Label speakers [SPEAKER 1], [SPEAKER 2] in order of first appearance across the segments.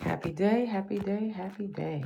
[SPEAKER 1] Happy day, happy day, happy day.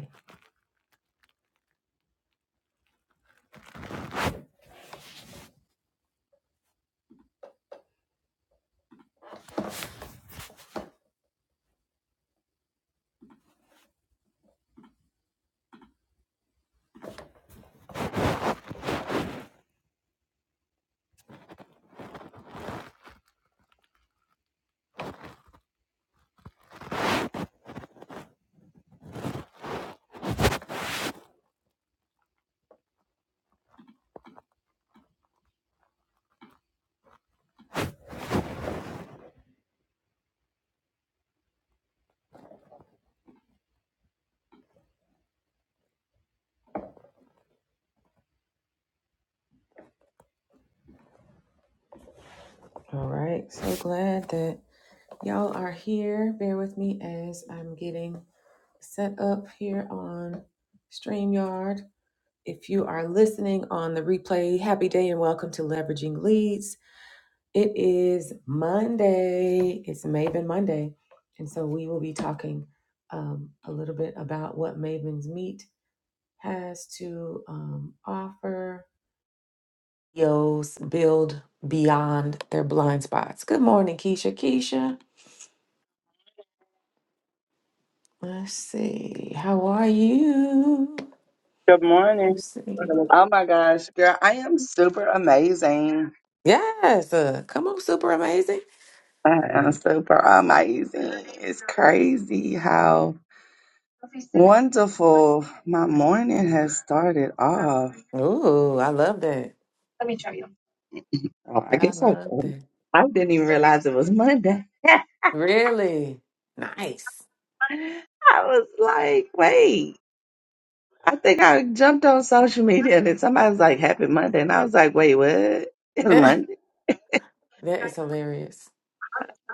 [SPEAKER 1] All right, so glad that y'all are here. Bear with me as I'm getting set up here on StreamYard. If you are listening on the replay, happy day and welcome to Leveraging Leads. It is Monday, it's Maven Monday. And so we will be talking um, a little bit about what Maven's Meet has to um, offer CEOs build beyond their blind spots. Good morning, Keisha. Keisha, let's see. How are you?
[SPEAKER 2] Good morning.
[SPEAKER 1] Let's see.
[SPEAKER 2] Oh my gosh, girl, I am super amazing.
[SPEAKER 1] Yes, uh, come on, super amazing.
[SPEAKER 2] I am super amazing. It's crazy how wonderful my morning has started off.
[SPEAKER 1] Ooh, I love that.
[SPEAKER 2] Oh, I
[SPEAKER 1] I
[SPEAKER 2] guess I,
[SPEAKER 1] love that.
[SPEAKER 2] I didn't even realize it was Monday.
[SPEAKER 1] Really nice.
[SPEAKER 2] I was like, wait, I think I jumped on social media and then somebody was like, happy Monday. And I was like, wait, what? It's
[SPEAKER 1] that
[SPEAKER 2] Monday?
[SPEAKER 1] is hilarious.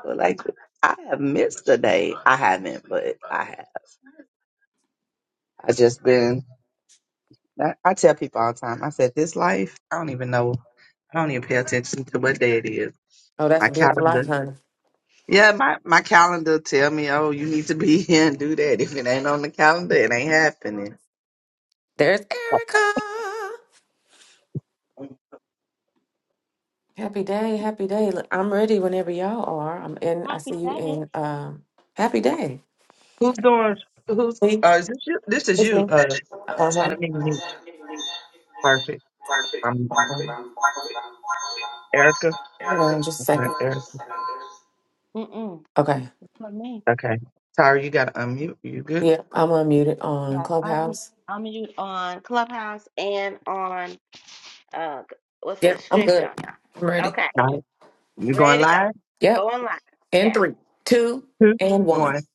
[SPEAKER 2] Like, I have missed a day. I haven't, but I have. I just been I, I tell people all the time, I said, this life, I don't even know. I don't even pay attention to what day it is.
[SPEAKER 1] Oh, that's
[SPEAKER 2] My
[SPEAKER 1] a beautiful
[SPEAKER 2] calendar.
[SPEAKER 1] life, honey.
[SPEAKER 2] Yeah, my, my calendar tell me, oh, you need to be here and do that. If it ain't on the calendar, it ain't happening.
[SPEAKER 1] There's Erica. Happy day, happy day. Look, I'm ready whenever y'all are. I'm in. I
[SPEAKER 3] Happy
[SPEAKER 1] see you
[SPEAKER 3] day.
[SPEAKER 1] in. Um, happy day.
[SPEAKER 2] Who's doing, who's,
[SPEAKER 1] See,
[SPEAKER 2] uh, is this you? This is
[SPEAKER 1] it's
[SPEAKER 2] you,
[SPEAKER 1] me.
[SPEAKER 2] uh,
[SPEAKER 1] Uh-huh.
[SPEAKER 2] Santa Monique. Perfect.
[SPEAKER 1] Okay.
[SPEAKER 2] Um, Erica.
[SPEAKER 1] Hold on just a
[SPEAKER 2] Okay.
[SPEAKER 1] second.
[SPEAKER 2] Erica.
[SPEAKER 3] Mm-mm.
[SPEAKER 1] Okay.
[SPEAKER 3] For me.
[SPEAKER 2] Okay. Tara, you got to unmute. You good?
[SPEAKER 1] Yep, I'm unmuted on
[SPEAKER 3] Yeah, I,
[SPEAKER 1] Clubhouse.
[SPEAKER 3] I'm you on Clubhouse and on uh g- what's
[SPEAKER 1] Yep,
[SPEAKER 3] this?
[SPEAKER 1] I'm good.
[SPEAKER 3] StreamYard.
[SPEAKER 1] I'm ready.
[SPEAKER 3] Okay.
[SPEAKER 2] All right. You going
[SPEAKER 3] Ready to
[SPEAKER 2] live?
[SPEAKER 3] go. Go
[SPEAKER 1] Yep.
[SPEAKER 3] online.
[SPEAKER 1] In
[SPEAKER 3] Yes.
[SPEAKER 1] three, two,
[SPEAKER 2] Two,
[SPEAKER 1] and one.
[SPEAKER 2] one.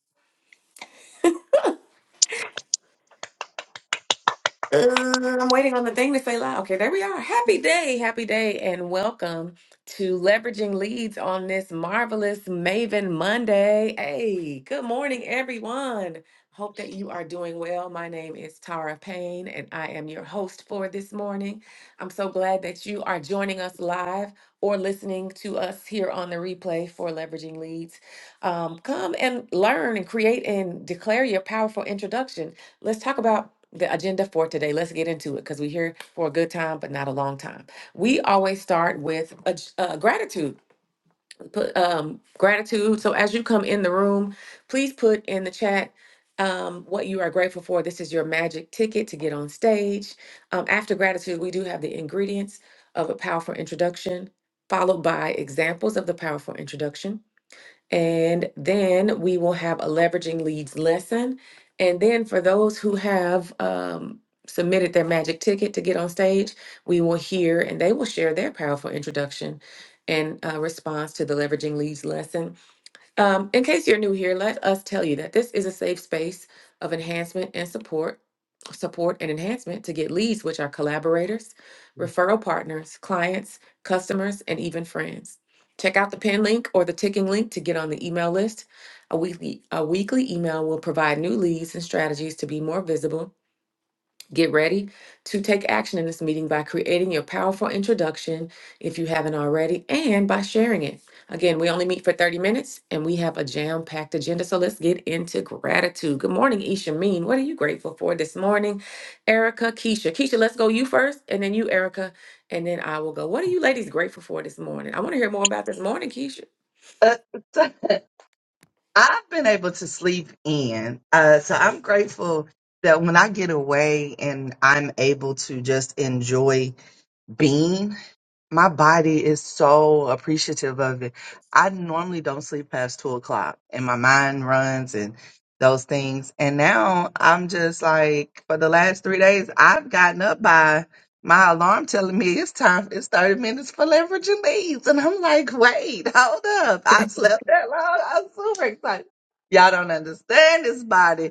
[SPEAKER 1] Uh, I'm waiting on the thing to say loud. Okay, there we are. Happy day, happy day, and welcome to Leveraging Leads on this marvelous Maven Monday. Hey, good morning, everyone. Hope that you are doing well. My name is Tara Payne, and I am your host for this morning. I'm so glad that you are joining us live or listening to us here on the replay for Leveraging Leads. Um, come and learn and create and declare your powerful introduction. Let's talk about the agenda for today. Let's get into it because we're here for a good time, but not a long time. We always start with a, j- uh, gratitude. Put um, gratitude. So as you come in the room, please put in the chat um, what you are grateful for. This is your magic ticket to get on stage. Um, after gratitude, we do have the ingredients of a powerful introduction, followed by examples of the powerful introduction and then we will have a leveraging leads lesson. And then for those who have um, submitted their magic ticket to get on stage, we will hear and they will share their powerful introduction and uh, response to the leveraging leads lesson. Um, in case you're new here, let us tell you that this is a safe space of enhancement and support, support and enhancement to get leads, which are collaborators, referral partners, clients, customers, and even friends. Check out the pin link or the ticking link to get on the email list. A weekly, a weekly email will provide new leads and strategies to be more visible Get ready to take action in this meeting by creating your powerful introduction if you haven't already and by sharing it. Again, we only meet for 30 minutes and we have a jam packed agenda. So let's get into gratitude. Good morning, Isha Mean. What are you grateful for this morning? Erica, Keisha. Keisha, let's go you first and then you, Erica, and then I will go. What are you ladies grateful for this morning? I want to hear more about this morning, Keisha.
[SPEAKER 2] Uh, I've been able to sleep in. Uh, so I'm grateful that when I get away and I'm able to just enjoy being my body is so appreciative of it. I normally don't sleep past two o'clock and my mind runs and those things. And now I'm just like, for the last three days, I've gotten up by my alarm telling me it's time, it's 30 minutes for leverage and leads. And I'm like, wait, hold up. I slept that long. I'm super excited. Y'all don't understand this body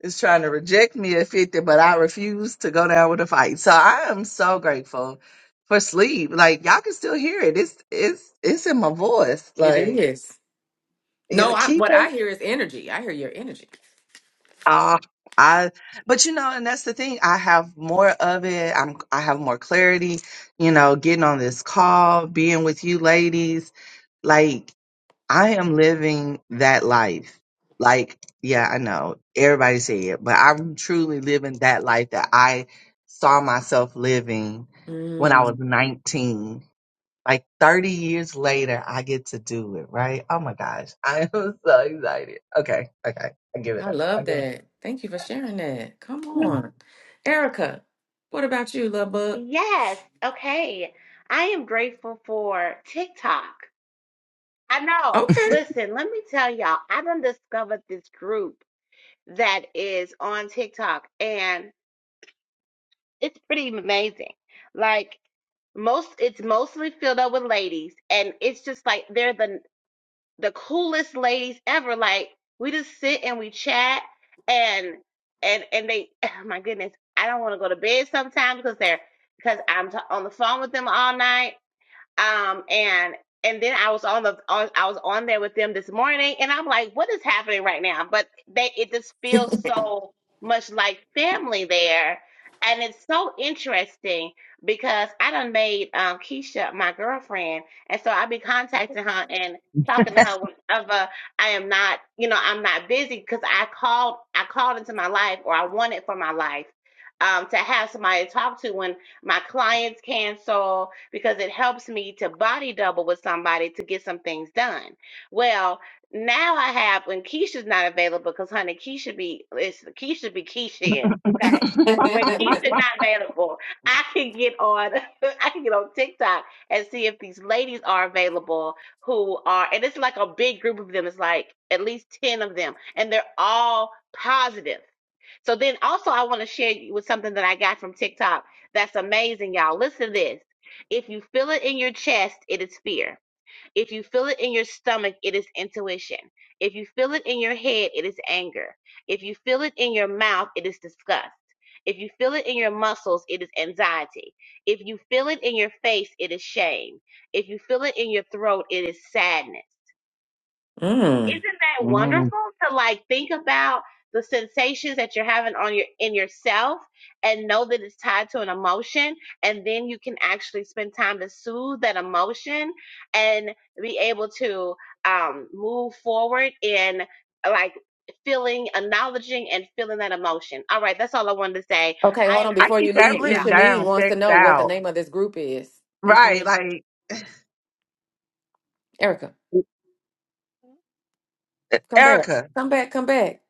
[SPEAKER 2] is trying to reject me at 50, but I refuse to go down with a fight. So I am so grateful for sleep. Like y'all can still hear it. It's it's it's in my voice.
[SPEAKER 1] It
[SPEAKER 2] Like,
[SPEAKER 1] is. No,
[SPEAKER 2] yeah,
[SPEAKER 1] I,
[SPEAKER 2] keep
[SPEAKER 1] what
[SPEAKER 2] it.
[SPEAKER 1] I hear is energy. I hear your energy.
[SPEAKER 2] Ah, I but you know, and that's the thing. I have more of it. I'm I have more clarity, you know, getting on this call, being with you ladies. Like I am living that life. Like, yeah, I know everybody say it, but I'm truly living that life that I saw myself living when I was
[SPEAKER 1] Mm,
[SPEAKER 2] 19. Like 30 years later, I get to do it, right? Oh my gosh. I am so excited. Okay. Okay. I give it
[SPEAKER 1] I
[SPEAKER 2] up. I
[SPEAKER 1] love
[SPEAKER 2] go.
[SPEAKER 1] that. Thank you for sharing that. Come on. Erica, what about you, love bug?
[SPEAKER 3] Yes. Okay. I am grateful for TikTok. I know.
[SPEAKER 1] Okay.
[SPEAKER 3] Listen, let me tell y'all, I done discovered this group that is on TikTok and it's pretty amazing. Like most it's mostly filled up with ladies and it's just like they're the the coolest ladies ever. Like we just sit and we chat and and and they oh my goodness, I don't want to go to bed sometimes because they're because I'm t- on the phone with them all night um and and then I was on the on I was on there with them this morning and I'm like what is happening right now but they it just feels so much like family there and it's so interesting because I done made um Keisha my girlfriend and so I be contacting her and talking to her whenever I am not you know I'm not busy because I called I called into my life or I wanted for my life um to have somebody to talk to when my clients cancel because it helps me to body double with somebody to get some things done. Well, now I have when Keisha's not available because honey, Keisha be it's Keisha be Keishaing. Okay. When Keisha's not available, I can get on I can get on TikTok and see if these ladies are available who are and it's like a big group of them. It's like at least 10 of them. And they're all positive so then also I want to share you with something that I got from TikTok that's amazing, y'all. Listen to this. If you feel it in your chest, it is fear. If you feel it in your stomach, it is intuition. If you feel it in your head, it is anger. If you feel it in your mouth, it is disgust. If you feel it in your muscles, it is anxiety. If you feel it in your face, it is shame. If you feel it in your throat, it is sadness
[SPEAKER 1] Mm.
[SPEAKER 3] isn't that
[SPEAKER 2] Mm.
[SPEAKER 3] wonderful to like think about the sensations that you're having on your in yourself and know that it's tied to an emotion and then you can actually spend time to soothe that emotion and be able to um move forward in like feeling acknowledging and feeling that emotion all right that's all i wanted to say
[SPEAKER 1] Okay,
[SPEAKER 3] i
[SPEAKER 1] hold
[SPEAKER 3] am
[SPEAKER 1] on.
[SPEAKER 2] I
[SPEAKER 3] grateful
[SPEAKER 1] Before
[SPEAKER 2] need
[SPEAKER 1] you
[SPEAKER 3] for
[SPEAKER 2] that
[SPEAKER 1] leave,
[SPEAKER 2] written
[SPEAKER 3] tiktok
[SPEAKER 1] Ishameen
[SPEAKER 2] down,
[SPEAKER 1] wants to
[SPEAKER 2] text
[SPEAKER 1] know what the
[SPEAKER 2] out.
[SPEAKER 1] name of this group is.
[SPEAKER 2] Right.
[SPEAKER 1] Ishameen,
[SPEAKER 2] Like,
[SPEAKER 1] Erica, come back.
[SPEAKER 2] Erica,
[SPEAKER 1] Come back, come back.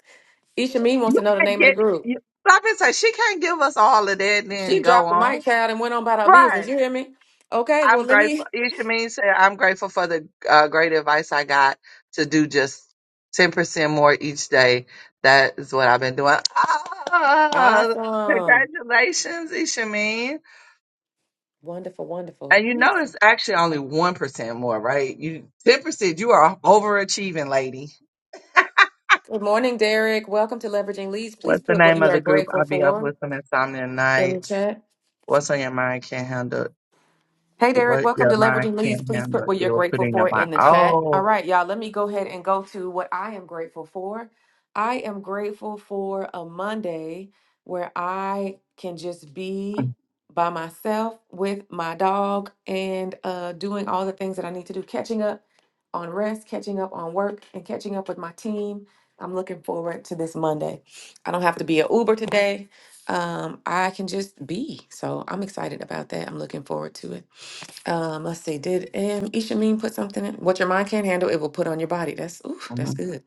[SPEAKER 1] Ishameen
[SPEAKER 2] you
[SPEAKER 1] wants to know the
[SPEAKER 2] can't
[SPEAKER 1] name of the
[SPEAKER 2] get,
[SPEAKER 1] group.
[SPEAKER 2] you, stop and say, she can't give us all of that and then
[SPEAKER 1] She
[SPEAKER 2] go
[SPEAKER 1] dropped the
[SPEAKER 2] on.
[SPEAKER 1] mic, child, and went on about her business.
[SPEAKER 2] Right.
[SPEAKER 1] You hear me? Okay,
[SPEAKER 2] I'm
[SPEAKER 1] well, let
[SPEAKER 2] grateful.
[SPEAKER 1] me.
[SPEAKER 2] Ishameen said, I'm grateful for the uh, great advice I got to do just 10% more each day. That is what I've been doing. Ah,
[SPEAKER 1] Awesome.
[SPEAKER 2] congratulations, Ishameen.
[SPEAKER 1] Wonderful,
[SPEAKER 2] And you
[SPEAKER 1] wonderful.
[SPEAKER 2] know, it's actually only 1% more, right? You 10%, you are overachieving, lady.
[SPEAKER 1] Good morning, Derek. Welcome to Leveraging Leads. Please
[SPEAKER 2] What's the
[SPEAKER 1] put what
[SPEAKER 2] name
[SPEAKER 1] you
[SPEAKER 2] of
[SPEAKER 1] are
[SPEAKER 2] the group?
[SPEAKER 1] grateful
[SPEAKER 2] I'll be up
[SPEAKER 1] for
[SPEAKER 2] with some insomnia
[SPEAKER 1] in the
[SPEAKER 2] nights.
[SPEAKER 1] chat.
[SPEAKER 2] What's on your mind can't handle
[SPEAKER 1] Hey, Derek,
[SPEAKER 2] what
[SPEAKER 1] welcome
[SPEAKER 2] your
[SPEAKER 1] to
[SPEAKER 2] mind
[SPEAKER 1] Leveraging Leads.
[SPEAKER 2] can't
[SPEAKER 1] Please
[SPEAKER 2] handle.
[SPEAKER 1] put what
[SPEAKER 2] It
[SPEAKER 1] you're
[SPEAKER 2] will put
[SPEAKER 1] grateful
[SPEAKER 2] in your
[SPEAKER 1] for
[SPEAKER 2] mind.
[SPEAKER 1] in the chat. All right, y'all, let me go ahead and go to what I am grateful for. I am grateful for a Monday where I can just be by myself with my dog and uh, doing all the things that I need to do, catching up on rest, catching up on work, and catching up with my team. I'm looking forward to this Monday. I don't have to be an Uber today. Um, I can just be. So I'm excited about that. I'm looking forward to it. Um, let's see. Did um, Ishamin put something in? What your mind can't handle, it will put on your body. That's oof,
[SPEAKER 2] Oh,
[SPEAKER 1] that's good.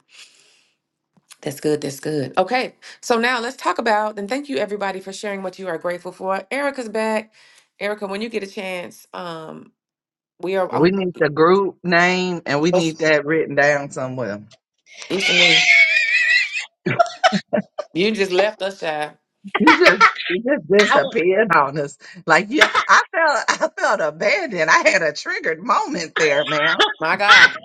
[SPEAKER 1] That's good. That's good. Okay. So now let's talk about. And thank you everybody for sharing what you are grateful for. Erica's back. Erica, when you get a chance, um, we are.
[SPEAKER 2] We
[SPEAKER 1] I'm,
[SPEAKER 2] need the group name and we need that written down somewhere.
[SPEAKER 1] Ishamin, you just left us, child.
[SPEAKER 2] You just you just
[SPEAKER 3] I will.
[SPEAKER 2] disappeared on us. Like yeah, I felt I felt abandoned. I had a triggered moment there, ma'am.
[SPEAKER 1] My God.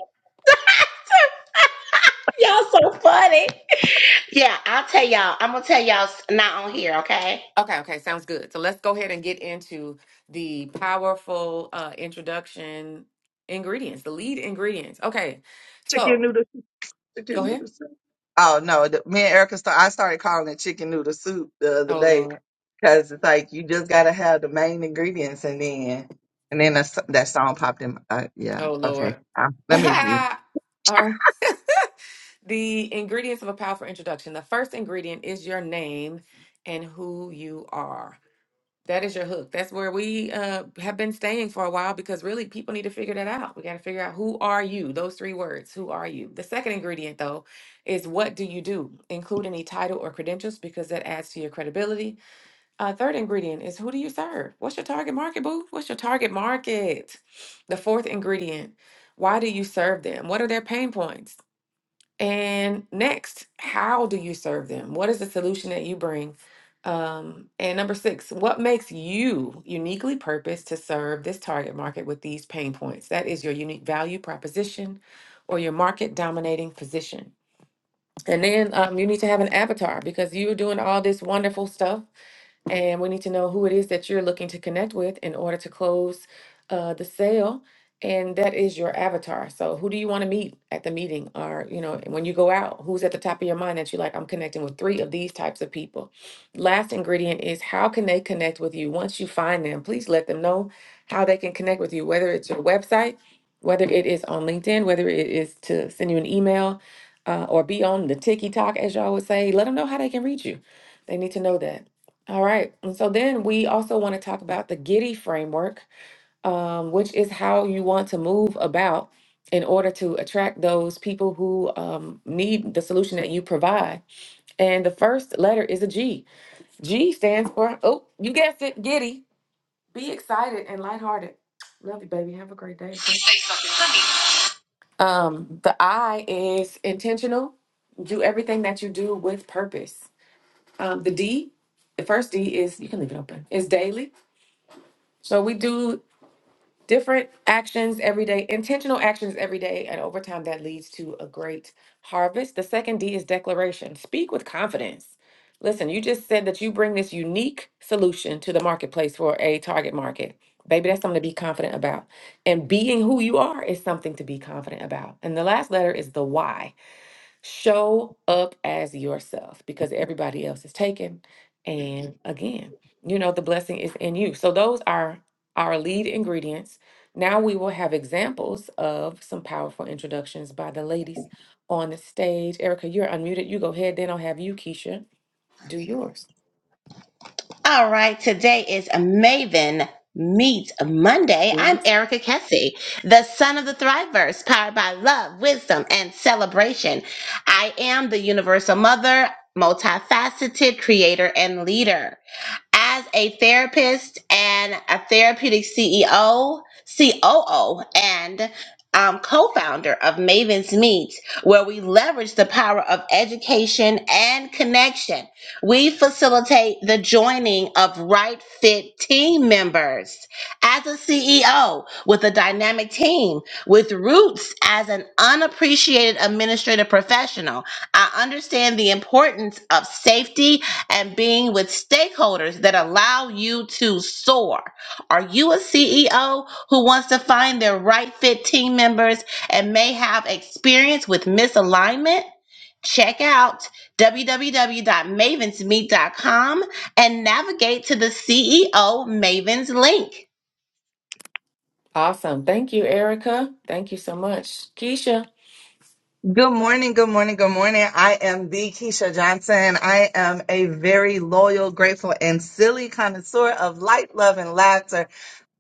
[SPEAKER 3] y'all so funny. Yeah, I'll tell y'all. I'm gonna tell y'all s- not on here, okay?
[SPEAKER 1] Okay. Okay. Sounds good. So let's go ahead and get into the powerful uh, introduction ingredients, the lead ingredients. Okay.
[SPEAKER 2] Chicken
[SPEAKER 1] So
[SPEAKER 2] noodle soup,
[SPEAKER 1] go
[SPEAKER 2] chicken
[SPEAKER 1] ahead.
[SPEAKER 2] noodle soup. Oh no, the, me and Erica start, I started calling it chicken noodle soup the other
[SPEAKER 1] Oh
[SPEAKER 2] day
[SPEAKER 1] Lord.
[SPEAKER 2] because it's like you just gotta have the main ingredients and then and then that, s- that song popped in. my- Uh, yeah,
[SPEAKER 1] Oh
[SPEAKER 2] okay.
[SPEAKER 1] Lord.
[SPEAKER 2] Um, let
[SPEAKER 1] All
[SPEAKER 2] me mute.
[SPEAKER 1] right. the ingredients of a powerful introduction. The first ingredient is your name and who you are. That is your hook. That's where we uh, have been staying for a while because really people need to figure that out. We got to figure out who are you? Those three words. Who are you? The second ingredient, though, is what do you do? Include any title or credentials because that adds to your credibility. Uh, third ingredient is who do you serve? What's your target market, boo? What's your target market? The fourth ingredient, why do you serve them? What are their pain points? And next, how do you serve them? What is the solution that you bring? Um, and number six, what makes you uniquely purposed to serve this target market with these pain points? That is your unique value proposition or your market dominating position. And then um, you need to have an avatar because you're doing all this wonderful stuff and we need to know who it is that you're looking to connect with in order to close uh, the sale. And that is your avatar. So who do you want to meet at the meeting or, you know, when you go out, who's at the top of your mind that you're like, I'm connecting with three of these types of people. Last ingredient is how can they connect with you? Once you find them, please let them know how they can connect with you, whether it's your website, whether it is on LinkedIn, whether it is to send you an email uh, or be on the ticky talk, as y'all would say, let them know how they can reach you. They need to know that. All right. And so then we also want to talk about the Giddy framework, um, which is how you want to move about in order to attract those people who um, need the solution that you provide. And the first letter is a G. G stands for, oh, you guessed it, Giddy. Be excited and lighthearted. Love you, baby. Have a great day. Okay.
[SPEAKER 3] Say something funny.
[SPEAKER 1] Um, the I is intentional. Do everything that you do with purpose. Um, the D, the first D is, you can leave it open, is daily. So we do different actions every day, intentional actions every day, and over time that leads to a great harvest. The second D is declaration. Speak with confidence. Listen, you just said that you bring this unique solution to the marketplace for a target market. Baby, that's something to be confident about. And being who you are is something to be confident about. And the last letter is the why. Show up as yourself because everybody else is taken. And again, you know, the blessing is in you. So those are our lead ingredients. Now we will have examples of some powerful introductions by the ladies on the stage. Erica, you're unmuted. You go ahead, then I'll have you, Keisha, do yours.
[SPEAKER 3] All right, today is Maven Meet Monday. I'm
[SPEAKER 1] Mhm.
[SPEAKER 3] Erica Kessie, the son of the Thriveverse, powered by love, wisdom, and celebration. I am the universal mother, multifaceted creator, and leader. as a therapist and a therapeutic CEO, COO, and um, co founder of Maven's Meet, where we leverage the power of education and connection. We facilitate the joining of right fit team members as a CEO with a dynamic team, with roots as an unappreciated administrative professional. I understand the importance of safety and being with stakeholders that allow you to soar. Are you a CEO who wants to find their right fit team members and may have experience with misalignment? Check out www.mavensmeet.com and navigate to the CEO Mavens link.
[SPEAKER 1] Awesome. Thank you, Erica. Thank you so much. Keisha.
[SPEAKER 2] Good morning, good morning, good morning. I am the Keisha Johnson. I am a very loyal, grateful, and silly connoisseur of light, love, and laughter.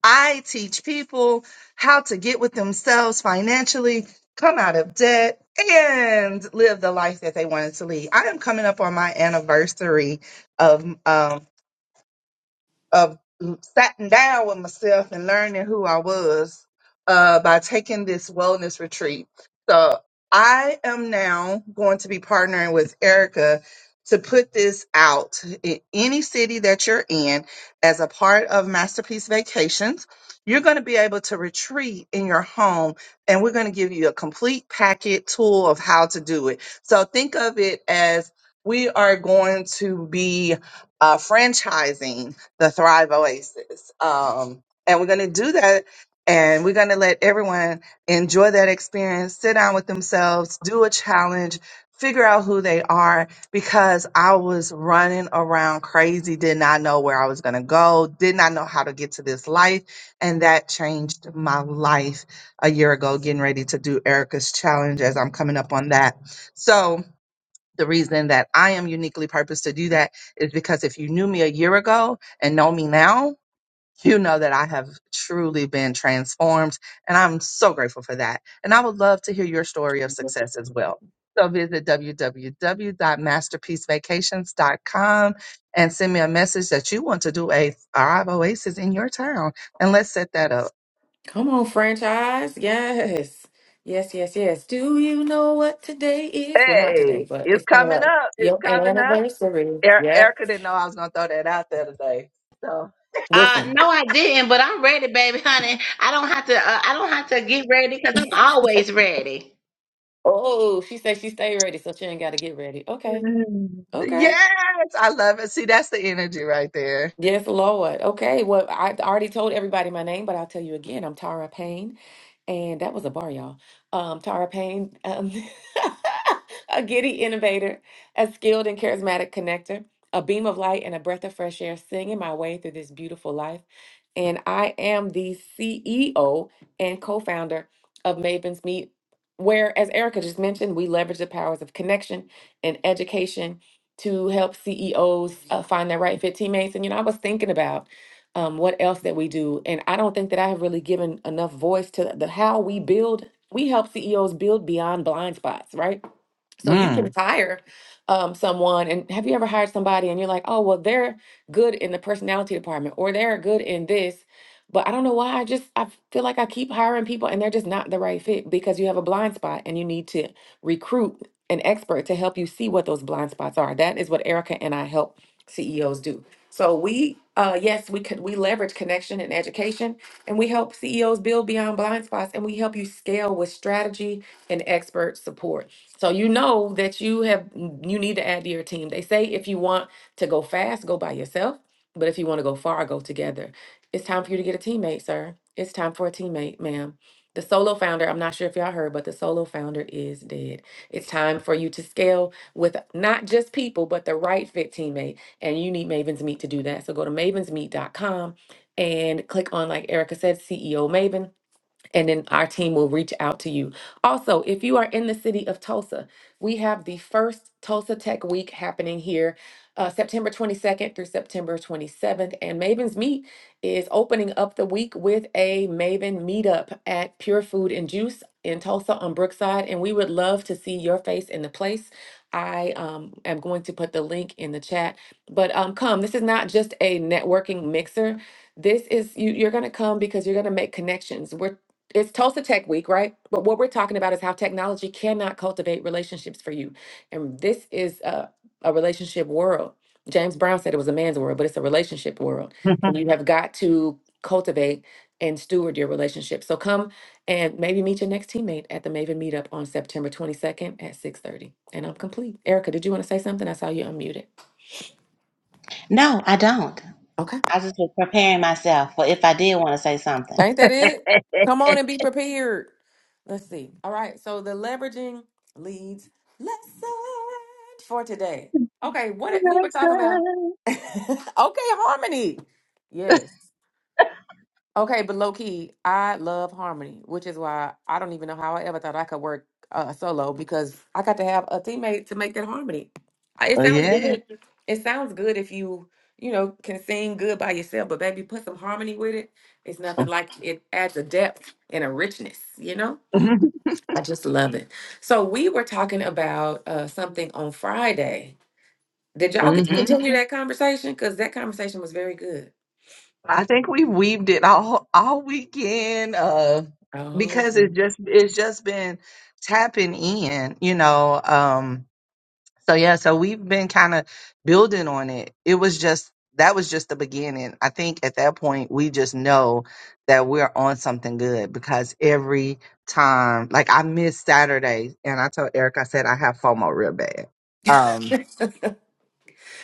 [SPEAKER 2] I teach people how to get with themselves financially, come out of debt, and live the life that they wanted to lead. I am coming up on my anniversary of um, of sitting down with myself and learning who I was uh, by taking this wellness retreat. So I am now going to be partnering with Erica to put this out in any city that you're in as a part of Masterpiece Vacations. You're going to be able to retreat in your home, and we're going to give you a complete packet tool of how to do it. So think of it as we are going to be uh, franchising the Thrive Oasis. Um, and we're going to do that. And we're going to let everyone enjoy that experience, sit down with themselves, do a challenge, figure out who they are. Because I was running around crazy, did not know where I was going to go, did not know how to get to this life. And that changed my life a year ago, getting ready to do Erica's challenge as I'm coming up on that. So, the reason that I am uniquely purposed to do that is because if you knew me a year ago and know me now, you know that I have truly been transformed. And I'm so grateful for that. And I would love to hear your story of success as well. So visit www.masterpiecevacations.com and send me a message that you want to do a Thrive Oasis in your town. And let's set that up.
[SPEAKER 1] Come on, franchise. Yes. Yes, yes, yes. Do you know what today is? Well, not
[SPEAKER 2] Hey,
[SPEAKER 1] today, but
[SPEAKER 2] it's
[SPEAKER 1] it's coming
[SPEAKER 2] coming
[SPEAKER 1] up.
[SPEAKER 2] up. It's
[SPEAKER 1] Your
[SPEAKER 2] coming up.
[SPEAKER 1] anniversary.
[SPEAKER 2] E-
[SPEAKER 1] Yep.
[SPEAKER 2] Erica didn't know I was going to throw that out there today. so.
[SPEAKER 3] Uh,
[SPEAKER 1] Listen.
[SPEAKER 3] no, I didn't, but I'm ready, baby, honey. I don't have to. Uh, I don't have to get ready because I'm always ready.
[SPEAKER 1] Oh, she said she stay ready, so she ain't got to get ready. Okay. Okay.
[SPEAKER 2] Yes, I love it. See, that's the energy right there.
[SPEAKER 1] Yes, Lord. Okay. Well, I already told everybody my name, but I'll tell you again. I'm Tara Payne. And that was a bar, y'all. Um, Tara Payne, um, a giddy innovator, a skilled and charismatic connector, a beam of light, and a breath of fresh air, singing my way through this beautiful life. And I am the CEO and co founder of Maven's Meet, where, as Erica just mentioned, we leverage the powers of connection and education to help CEOs uh, find their right fit teammates. And, you know, I was thinking about um, what else that we do. And I don't think that I have really given enough voice to the how we build. We help CEOs build beyond blind spots, right? So you can
[SPEAKER 2] Mm.
[SPEAKER 1] hire um, someone, and have you ever hired somebody and you're like, oh, well, they're good in the personality department or they're good in this, but I don't know why. I just I feel like I keep hiring people and they're just not the right fit because you have a blind spot and you need to recruit an expert to help you see what those blind spots are. That is what Erica and I help CEOs do. So we, uh, yes, we could we leverage connection and education, and we help CEOs build beyond blind spots, and we help you scale with strategy and expert support. So you know that you have you need to add to your team. They say if you want to go fast, go by yourself, but if you want to go far, go together. It's time for you to get a teammate, sir. It's time for a teammate, ma'am. The solo founder, I'm not sure if y'all heard, but the solo founder is dead. It's time for you to scale with not just people, but the right fit teammate. And you need Maven's Meet to do that. So go to Maven's Meet dot com and click on, like Erica said, CEO Maven and then our team will reach out to you. Also, if you are in the city of Tulsa, we have the first Tulsa Tech Week happening here uh, September 22nd through September 27th. And Maven's Meet is opening up the week with a Maven meetup at Pure Food and Juice in Tulsa on Brookside. And we would love to see your face in the place. I um, am going to put the link in the chat. But um, come, this is not just a networking mixer this is you, you're going to come because you're going to make connections We're it's Tulsa Tech Week, right? But what we're talking about is how technology cannot cultivate relationships for you. And this is a, a relationship world. James Brown said it was a man's world, but it's a relationship world. And you have got to cultivate and steward your relationship. So come and maybe meet your next teammate at the Maven meetup on September 22nd at 6:30. And I'm complete. Erica, did you want to say something? I saw you unmuted.
[SPEAKER 3] No, I don't.
[SPEAKER 1] Okay.
[SPEAKER 3] I just was preparing myself for if I did want to say something.
[SPEAKER 1] Ain't that it? Come on and be prepared. Let's see. All right. So the leveraging leads lesson for today. Okay, what we were talking about. okay, harmony. Yes. Okay, but low key, I love harmony, which is why I don't even know how I ever thought I could work uh, solo because I got to have a teammate to make that harmony. I- It
[SPEAKER 2] Oh,
[SPEAKER 1] sounds
[SPEAKER 2] yeah.
[SPEAKER 1] Yeah. good. It sounds good if you, you know, can sing good by yourself, but baby, put some harmony with it. It's nothing like it adds a depth and a richness, you know? I just love it. So we were talking about uh, something on Friday. Did y'all get to Mm.
[SPEAKER 2] Mm-hmm.
[SPEAKER 1] continue Mhm. that conversation? Because that conversation was very good.
[SPEAKER 2] I think we weaved it all all weekend, uh,
[SPEAKER 1] Oh,
[SPEAKER 2] because it's just it's just been tapping in, you know. Um, So yeah, so we've been kind of building on it. It was just that was just the beginning. I think at that point we just know that we're on something good because every time like I missed Saturday and I told Eric I said I have FOMO real bad. Um
[SPEAKER 1] okay.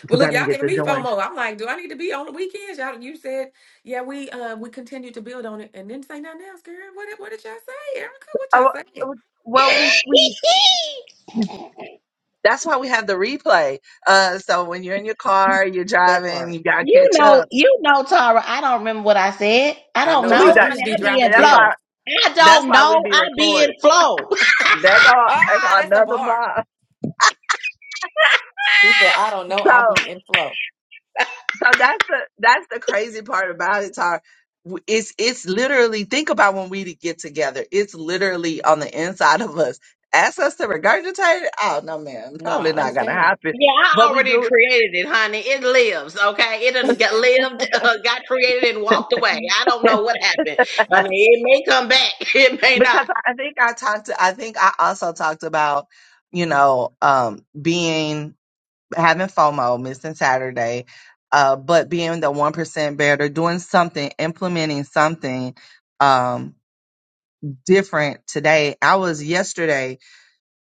[SPEAKER 1] Well,
[SPEAKER 2] cuz I
[SPEAKER 1] look,
[SPEAKER 2] didn't
[SPEAKER 1] y'all
[SPEAKER 2] get
[SPEAKER 1] giving
[SPEAKER 2] to
[SPEAKER 1] me
[SPEAKER 2] join.
[SPEAKER 1] FOMO. I'm like, do I need to be on the weekends? Y'all, you said, yeah, we uh, we continue to build on it, and then say nothing else, girl. What did- what did y'all say, Erica? What y'all
[SPEAKER 2] Oh
[SPEAKER 1] say?
[SPEAKER 2] well we we that's why we have the replay. Uh so when you're in your car, you're
[SPEAKER 1] That
[SPEAKER 2] driving,
[SPEAKER 1] part,
[SPEAKER 2] you got to
[SPEAKER 3] you
[SPEAKER 2] catch
[SPEAKER 3] know,
[SPEAKER 2] up.
[SPEAKER 3] you know, Tara. I don't remember what I said. I
[SPEAKER 1] I
[SPEAKER 3] don't
[SPEAKER 2] So
[SPEAKER 1] know,
[SPEAKER 2] we
[SPEAKER 1] cause
[SPEAKER 3] know,
[SPEAKER 1] you
[SPEAKER 2] got
[SPEAKER 3] honey.
[SPEAKER 1] just be
[SPEAKER 3] I be in
[SPEAKER 1] dropping
[SPEAKER 2] that's why
[SPEAKER 3] flow.
[SPEAKER 1] gems.
[SPEAKER 3] I
[SPEAKER 2] that's
[SPEAKER 3] don't
[SPEAKER 2] why we
[SPEAKER 3] know.
[SPEAKER 2] be
[SPEAKER 3] I be
[SPEAKER 2] recording.
[SPEAKER 3] in flow.
[SPEAKER 2] They got they
[SPEAKER 1] Ah,
[SPEAKER 2] got
[SPEAKER 1] that's a
[SPEAKER 2] another
[SPEAKER 1] bar.
[SPEAKER 2] bar.
[SPEAKER 1] She said, I don't know. I'll
[SPEAKER 2] So
[SPEAKER 1] be in flow.
[SPEAKER 2] so that's the that's the crazy part about it, Tar. W- It's it's literally think about when we get together. It's literally on the inside of us. Ask us to regurgitate it. Oh no, man,
[SPEAKER 1] No,
[SPEAKER 2] probably
[SPEAKER 1] I
[SPEAKER 2] not gonna
[SPEAKER 1] understand.
[SPEAKER 2] happen.
[SPEAKER 3] Yeah, I
[SPEAKER 2] But we
[SPEAKER 3] already
[SPEAKER 2] do it
[SPEAKER 3] created it, honey. It lives, okay? It done got lived, uh, got created, and walked away. I don't know what happened. I mean, it may come back. It may not.
[SPEAKER 2] because I I think I talked. I think I also talked about you know um being having FOMO, missing Saturday, uh, but being the one percent better, doing something, implementing something Um, different today. I was yesterday,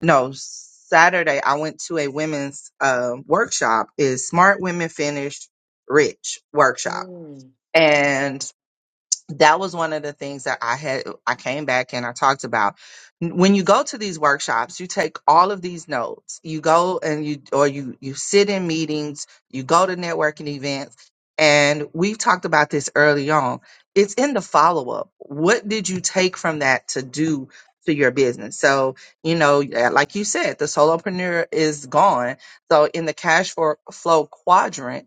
[SPEAKER 2] no, Saturday, I went to a women's uh, workshop. Is Smart Women Finish Rich workshop.
[SPEAKER 1] Mm.
[SPEAKER 2] and that was one of the things that I had I came back and I talked about. When you go to these workshops, you take all of these notes. You go and you or you you sit in meetings, you go to networking events, and we've talked about this early on. It's in the follow-up. What did you take from that to do to your business? So, you know, yeah, like you said, the solopreneur is gone. So in the cash for flow quadrant,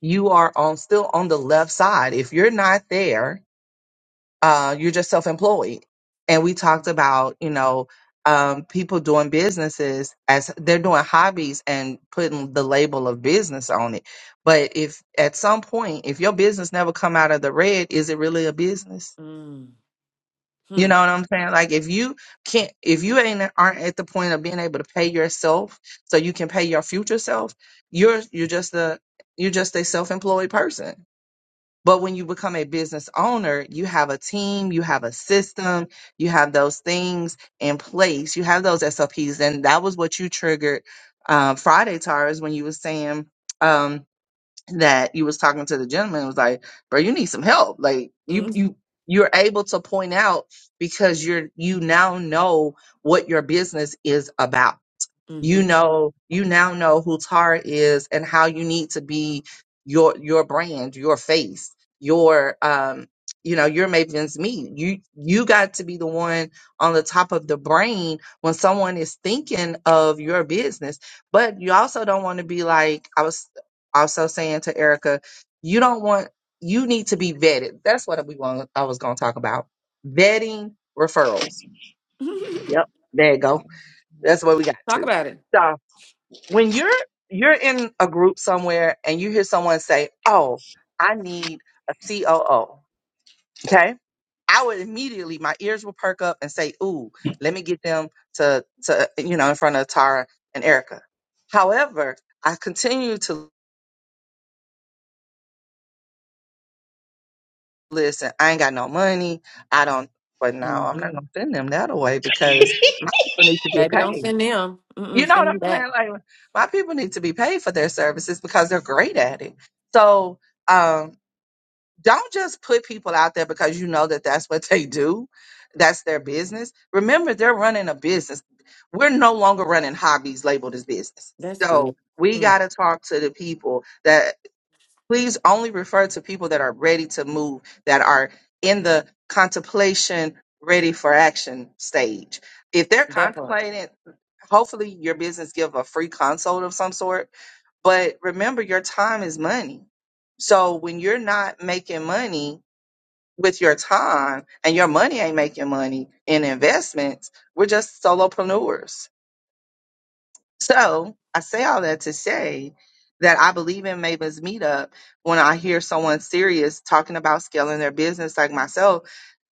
[SPEAKER 2] you are on still on the left side. If you're not there, uh, you're just self-employed. And we talked about, you know, um, people doing businesses as they're doing hobbies and putting the label of business on it. But if at some point, if your business never come out of the red, is it really a business?
[SPEAKER 1] Mm.
[SPEAKER 2] You
[SPEAKER 1] Hmm.
[SPEAKER 2] know what I'm saying? Like if you can't, if you ain't aren't at the point of being able to pay yourself, so you can pay your future self, you're you're just a you're just a self-employed person but when you become a business owner, you have a team, you have a system, you have those things in place, you have those SOPs. And that was what you triggered um, Friday, Tara, is when you was saying um, that you was talking to the gentleman. It was like, bro, you need some help. Like you,
[SPEAKER 1] Mm.
[SPEAKER 2] you, you're able to point out because you're, you now know what your business is about you
[SPEAKER 1] Mm-hmm.
[SPEAKER 2] know you now know who Tara is and how you need to be your your brand, your face, your um you know your Maven's meet. You you got to be the one on the top of the brain when someone is thinking of your business. But you also don't want to be like I was also saying to Erica, you don't want you need to be vetted. That's what we want I was gonna talk about. Vetting referrals. Yep, there you go. That's what we got
[SPEAKER 1] Talk
[SPEAKER 2] to.
[SPEAKER 1] about it.
[SPEAKER 2] So, when you're you're in a group somewhere and you hear someone say, "Oh, I need a COO," okay, I would immediately my ears would perk up and say, "Ooh, let me get them to to you know in front of Tara and Erica." However, I continue to listen. I ain't got no money. I don't. But no, I'm not
[SPEAKER 1] Mm-hmm.
[SPEAKER 2] gonna send them that away
[SPEAKER 1] hmm
[SPEAKER 2] because my people need to get
[SPEAKER 1] Baby, don't
[SPEAKER 2] paid.
[SPEAKER 1] send them.
[SPEAKER 2] You
[SPEAKER 1] Mm-mm,
[SPEAKER 2] know what
[SPEAKER 1] send
[SPEAKER 2] I'm
[SPEAKER 1] them back.
[SPEAKER 2] saying? Like my people need to be paid for their services because they're great at it. So. um don't just put people out there because you know that that's what they do that's their business remember they're running a business we're no longer running hobbies labeled as business
[SPEAKER 1] That's
[SPEAKER 2] so
[SPEAKER 1] good.
[SPEAKER 2] we got
[SPEAKER 1] Mm,
[SPEAKER 2] to talk to the people that please only refer to people that are ready to move that are in the contemplation ready for action stage if they're
[SPEAKER 1] that part.
[SPEAKER 2] contemplating hopefully your business give a free consult of some sort but remember your time is money so when you're not making money with your time and your money ain't making money in investments. We're just solopreneurs. So I say all that to say that I believe in Maven's meetup when I hear someone serious talking about scaling their business like myself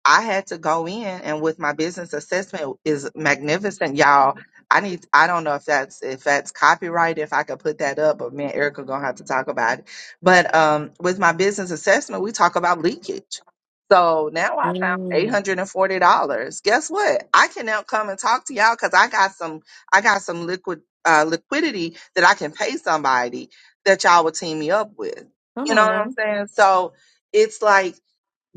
[SPEAKER 2] I had to go in and with my business assessment is magnificent, y'all. I need I don't know if that's if that's copyright, if I could put that up, but me and Erica gonna have to talk about it. But um with my business assessment, we talk about leakage. So now I found eight
[SPEAKER 1] Mm,
[SPEAKER 2] hundred and forty dollars. Guess what? I can now come and talk to y'all because I got some I got some liquid uh liquidity that I can pay somebody that y'all would team me up with.
[SPEAKER 1] come
[SPEAKER 2] You know
[SPEAKER 1] on
[SPEAKER 2] what I'm
[SPEAKER 1] now.
[SPEAKER 2] saying? So it's like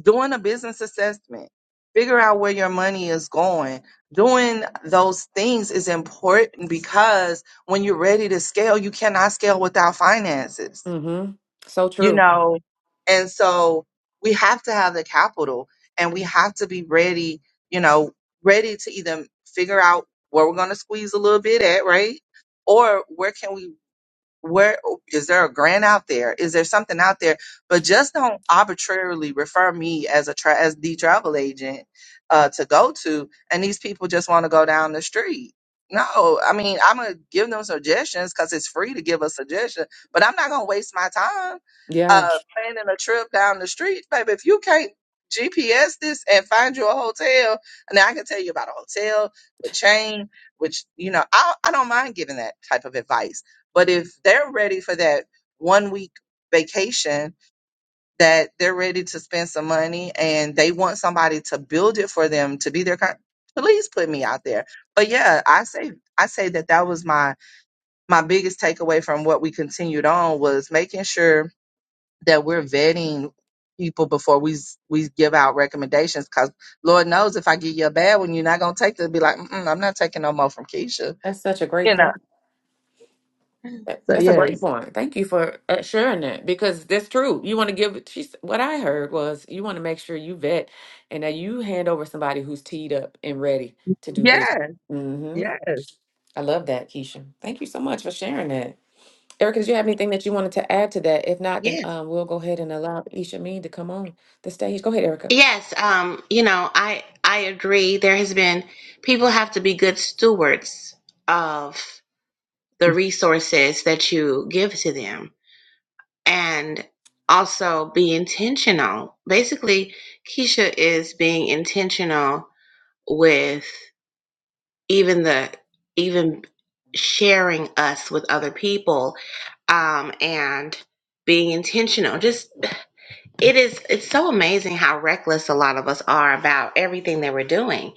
[SPEAKER 2] doing a business assessment, figure out where your money is going. Doing those things is important because when you're ready to scale, you cannot scale without finances,
[SPEAKER 1] Mm-hmm. So
[SPEAKER 2] you
[SPEAKER 1] true.
[SPEAKER 2] know? And so we have to have the capital and we have to be ready, you know, ready to either figure out where we're going to squeeze a little bit at, right? Or where can we where is there a grant out there is there something out there but just don't arbitrarily refer me as a tra- as the travel agent uh to go to and these people just want to go down the street no i mean i'm gonna give them suggestions because it's free to give a suggestion but i'm not gonna waste my time
[SPEAKER 1] Yeah.
[SPEAKER 2] uh planning a trip down the street baby if you can't gps this and find you a hotel and i can tell you about a hotel a chain which you know I, I don't mind giving that type of advice but if they're ready for that one week vacation, that they're ready to spend some money and they want somebody to build it for them to be their kind, please put me out there. But yeah, I say I say that that was my my biggest takeaway from what we continued on was making sure that we're vetting people before we s- we give out recommendations because Lord knows if I give you a bad one, you're not gonna take it. Be like, Mm-mm, I'm not taking no more from Keisha,
[SPEAKER 1] That's such a great
[SPEAKER 2] you know.
[SPEAKER 1] point. That-
[SPEAKER 2] So
[SPEAKER 1] That's a great
[SPEAKER 2] yes,
[SPEAKER 1] point. Thank you for uh, sharing that because that's true. You want to give, she's, what I heard was you want to make sure you vet and that you hand over somebody who's teed up and ready to do business.
[SPEAKER 2] yes,
[SPEAKER 1] Mm-hmm.
[SPEAKER 2] yes.
[SPEAKER 1] I love that, Keisha. Thank you so much for sharing that. Erica, do you have anything that you wanted to add to that? If not, then
[SPEAKER 3] Yes.
[SPEAKER 1] um, we'll go ahead and allow Isha Mean to come on the stage. Go ahead, Erica.
[SPEAKER 3] Yes. Um. You know, I I agree. There has been people have to be good stewards of the resources that you give to them, and also be intentional. Basically, Keisha is being intentional with even the even sharing us with other people um and being intentional just it is it's so amazing how reckless a lot of us are about everything that we're doing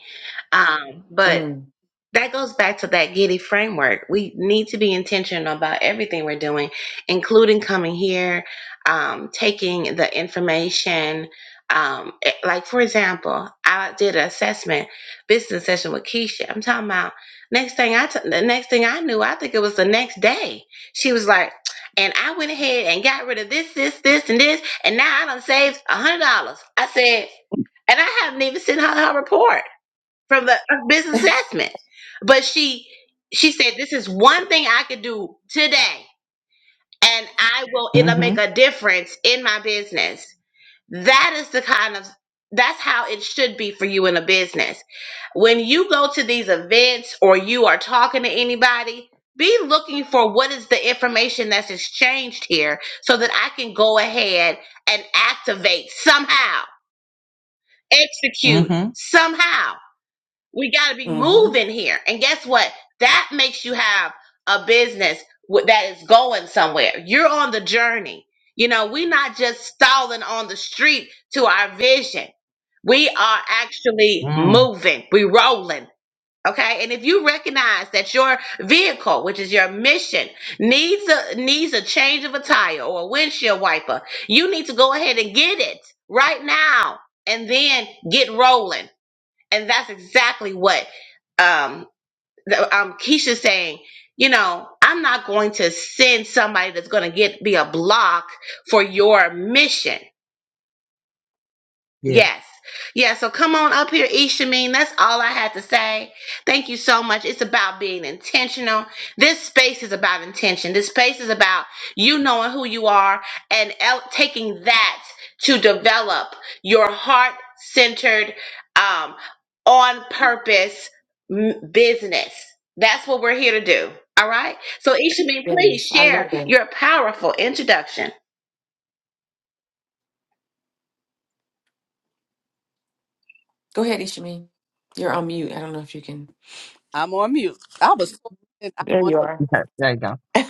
[SPEAKER 3] um but that goes back to that giddy framework we need to be intentional about everything we're doing including coming here um, taking the information um, eh, like for example i did an assessment business session with keisha i'm talking about next thing i t- the next thing i knew i think it was the next day she was like and i went ahead and got rid of this this this and this and now i done saved a hundred dollars i said and i haven't even sent her her report from the business assessment. But she she said, "This is one thing I could do today, and I will it'll make a difference in my business." That is the kind of that's how it should be for you in a business. When you go to these events or you are talking to anybody, be looking for what is the information that's exchanged here so that I can go ahead and activate somehow, execute
[SPEAKER 2] Mm-hmm.
[SPEAKER 3] somehow we got to be
[SPEAKER 1] Mm-hmm.
[SPEAKER 3] moving here. And guess what? That makes you have a business w- that is going somewhere. You're on the journey. You know, we're not just stalling on the street to our vision. We are actually
[SPEAKER 2] Mm.
[SPEAKER 3] moving. We are rolling. Okay. And if you recognize that your vehicle, which is your mission, needs a needs a change of a tire or a windshield wiper, you need to go ahead and get it right now and then get rolling and that's exactly what um, the, um, Keisha's saying. You know, I'm not going to send somebody that's going to get be a block for your mission
[SPEAKER 2] Yes.
[SPEAKER 3] Yes. Yeah, so come on up here, Ishameen. That's all I had to say. Thank you so much. It's about being intentional. This space is about intention. This space is about you knowing who you are and el- taking that to develop your heart centered, um, on purpose m- business. That's what we're here to do. All right. So, Ishameen, please
[SPEAKER 1] Yes, I
[SPEAKER 3] share
[SPEAKER 1] love that.
[SPEAKER 3] your powerful introduction.
[SPEAKER 1] Go ahead, Ishameen. You're on mute. I don't know if you can.
[SPEAKER 4] I'm on mute. I was. I'm
[SPEAKER 1] There
[SPEAKER 4] on.
[SPEAKER 1] you are.
[SPEAKER 2] Okay. There you go.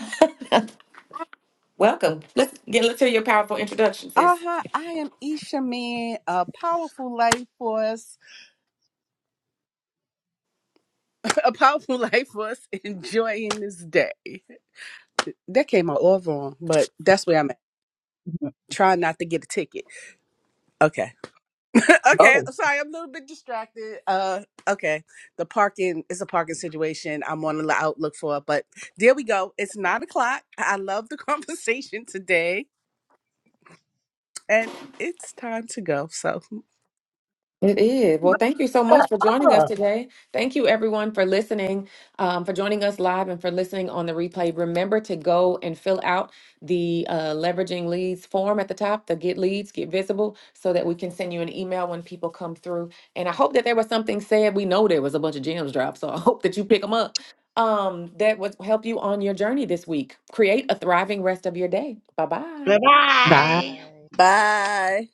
[SPEAKER 1] Welcome. Let's get. Let's hear your powerful introduction, sis.
[SPEAKER 4] Uh huh. I am Isha Man. A powerful life for us. A powerful life for us. Enjoying this day. That came out all wrong, but that's where I'm at.
[SPEAKER 2] Mhm.
[SPEAKER 4] Trying not to get a ticket. Okay. okay.
[SPEAKER 2] Oh.
[SPEAKER 4] I'm Sorry, I'm a little bit distracted. Uh. Okay. The parking is a parking situation. I'm on the outlook for, it, but there we go. It's nine o'clock. I love the conversation today, and it's time to go. So
[SPEAKER 1] It is. Well, thank you so much for joining us
[SPEAKER 2] Ah.
[SPEAKER 1] today. Thank you, everyone, for listening, um, for joining us live and for listening on the replay. Remember to go and fill out the uh, leveraging leads form at the top, the get leads, get visible, so that we can send you an email when people come through. And I hope that there was something said. We know there was a bunch of gems dropped, so I hope that you pick them up. Um, that would help you on your journey this week. Create a thriving rest of your day. Bye bye.
[SPEAKER 3] Bye bye.
[SPEAKER 2] Bye.
[SPEAKER 4] bye.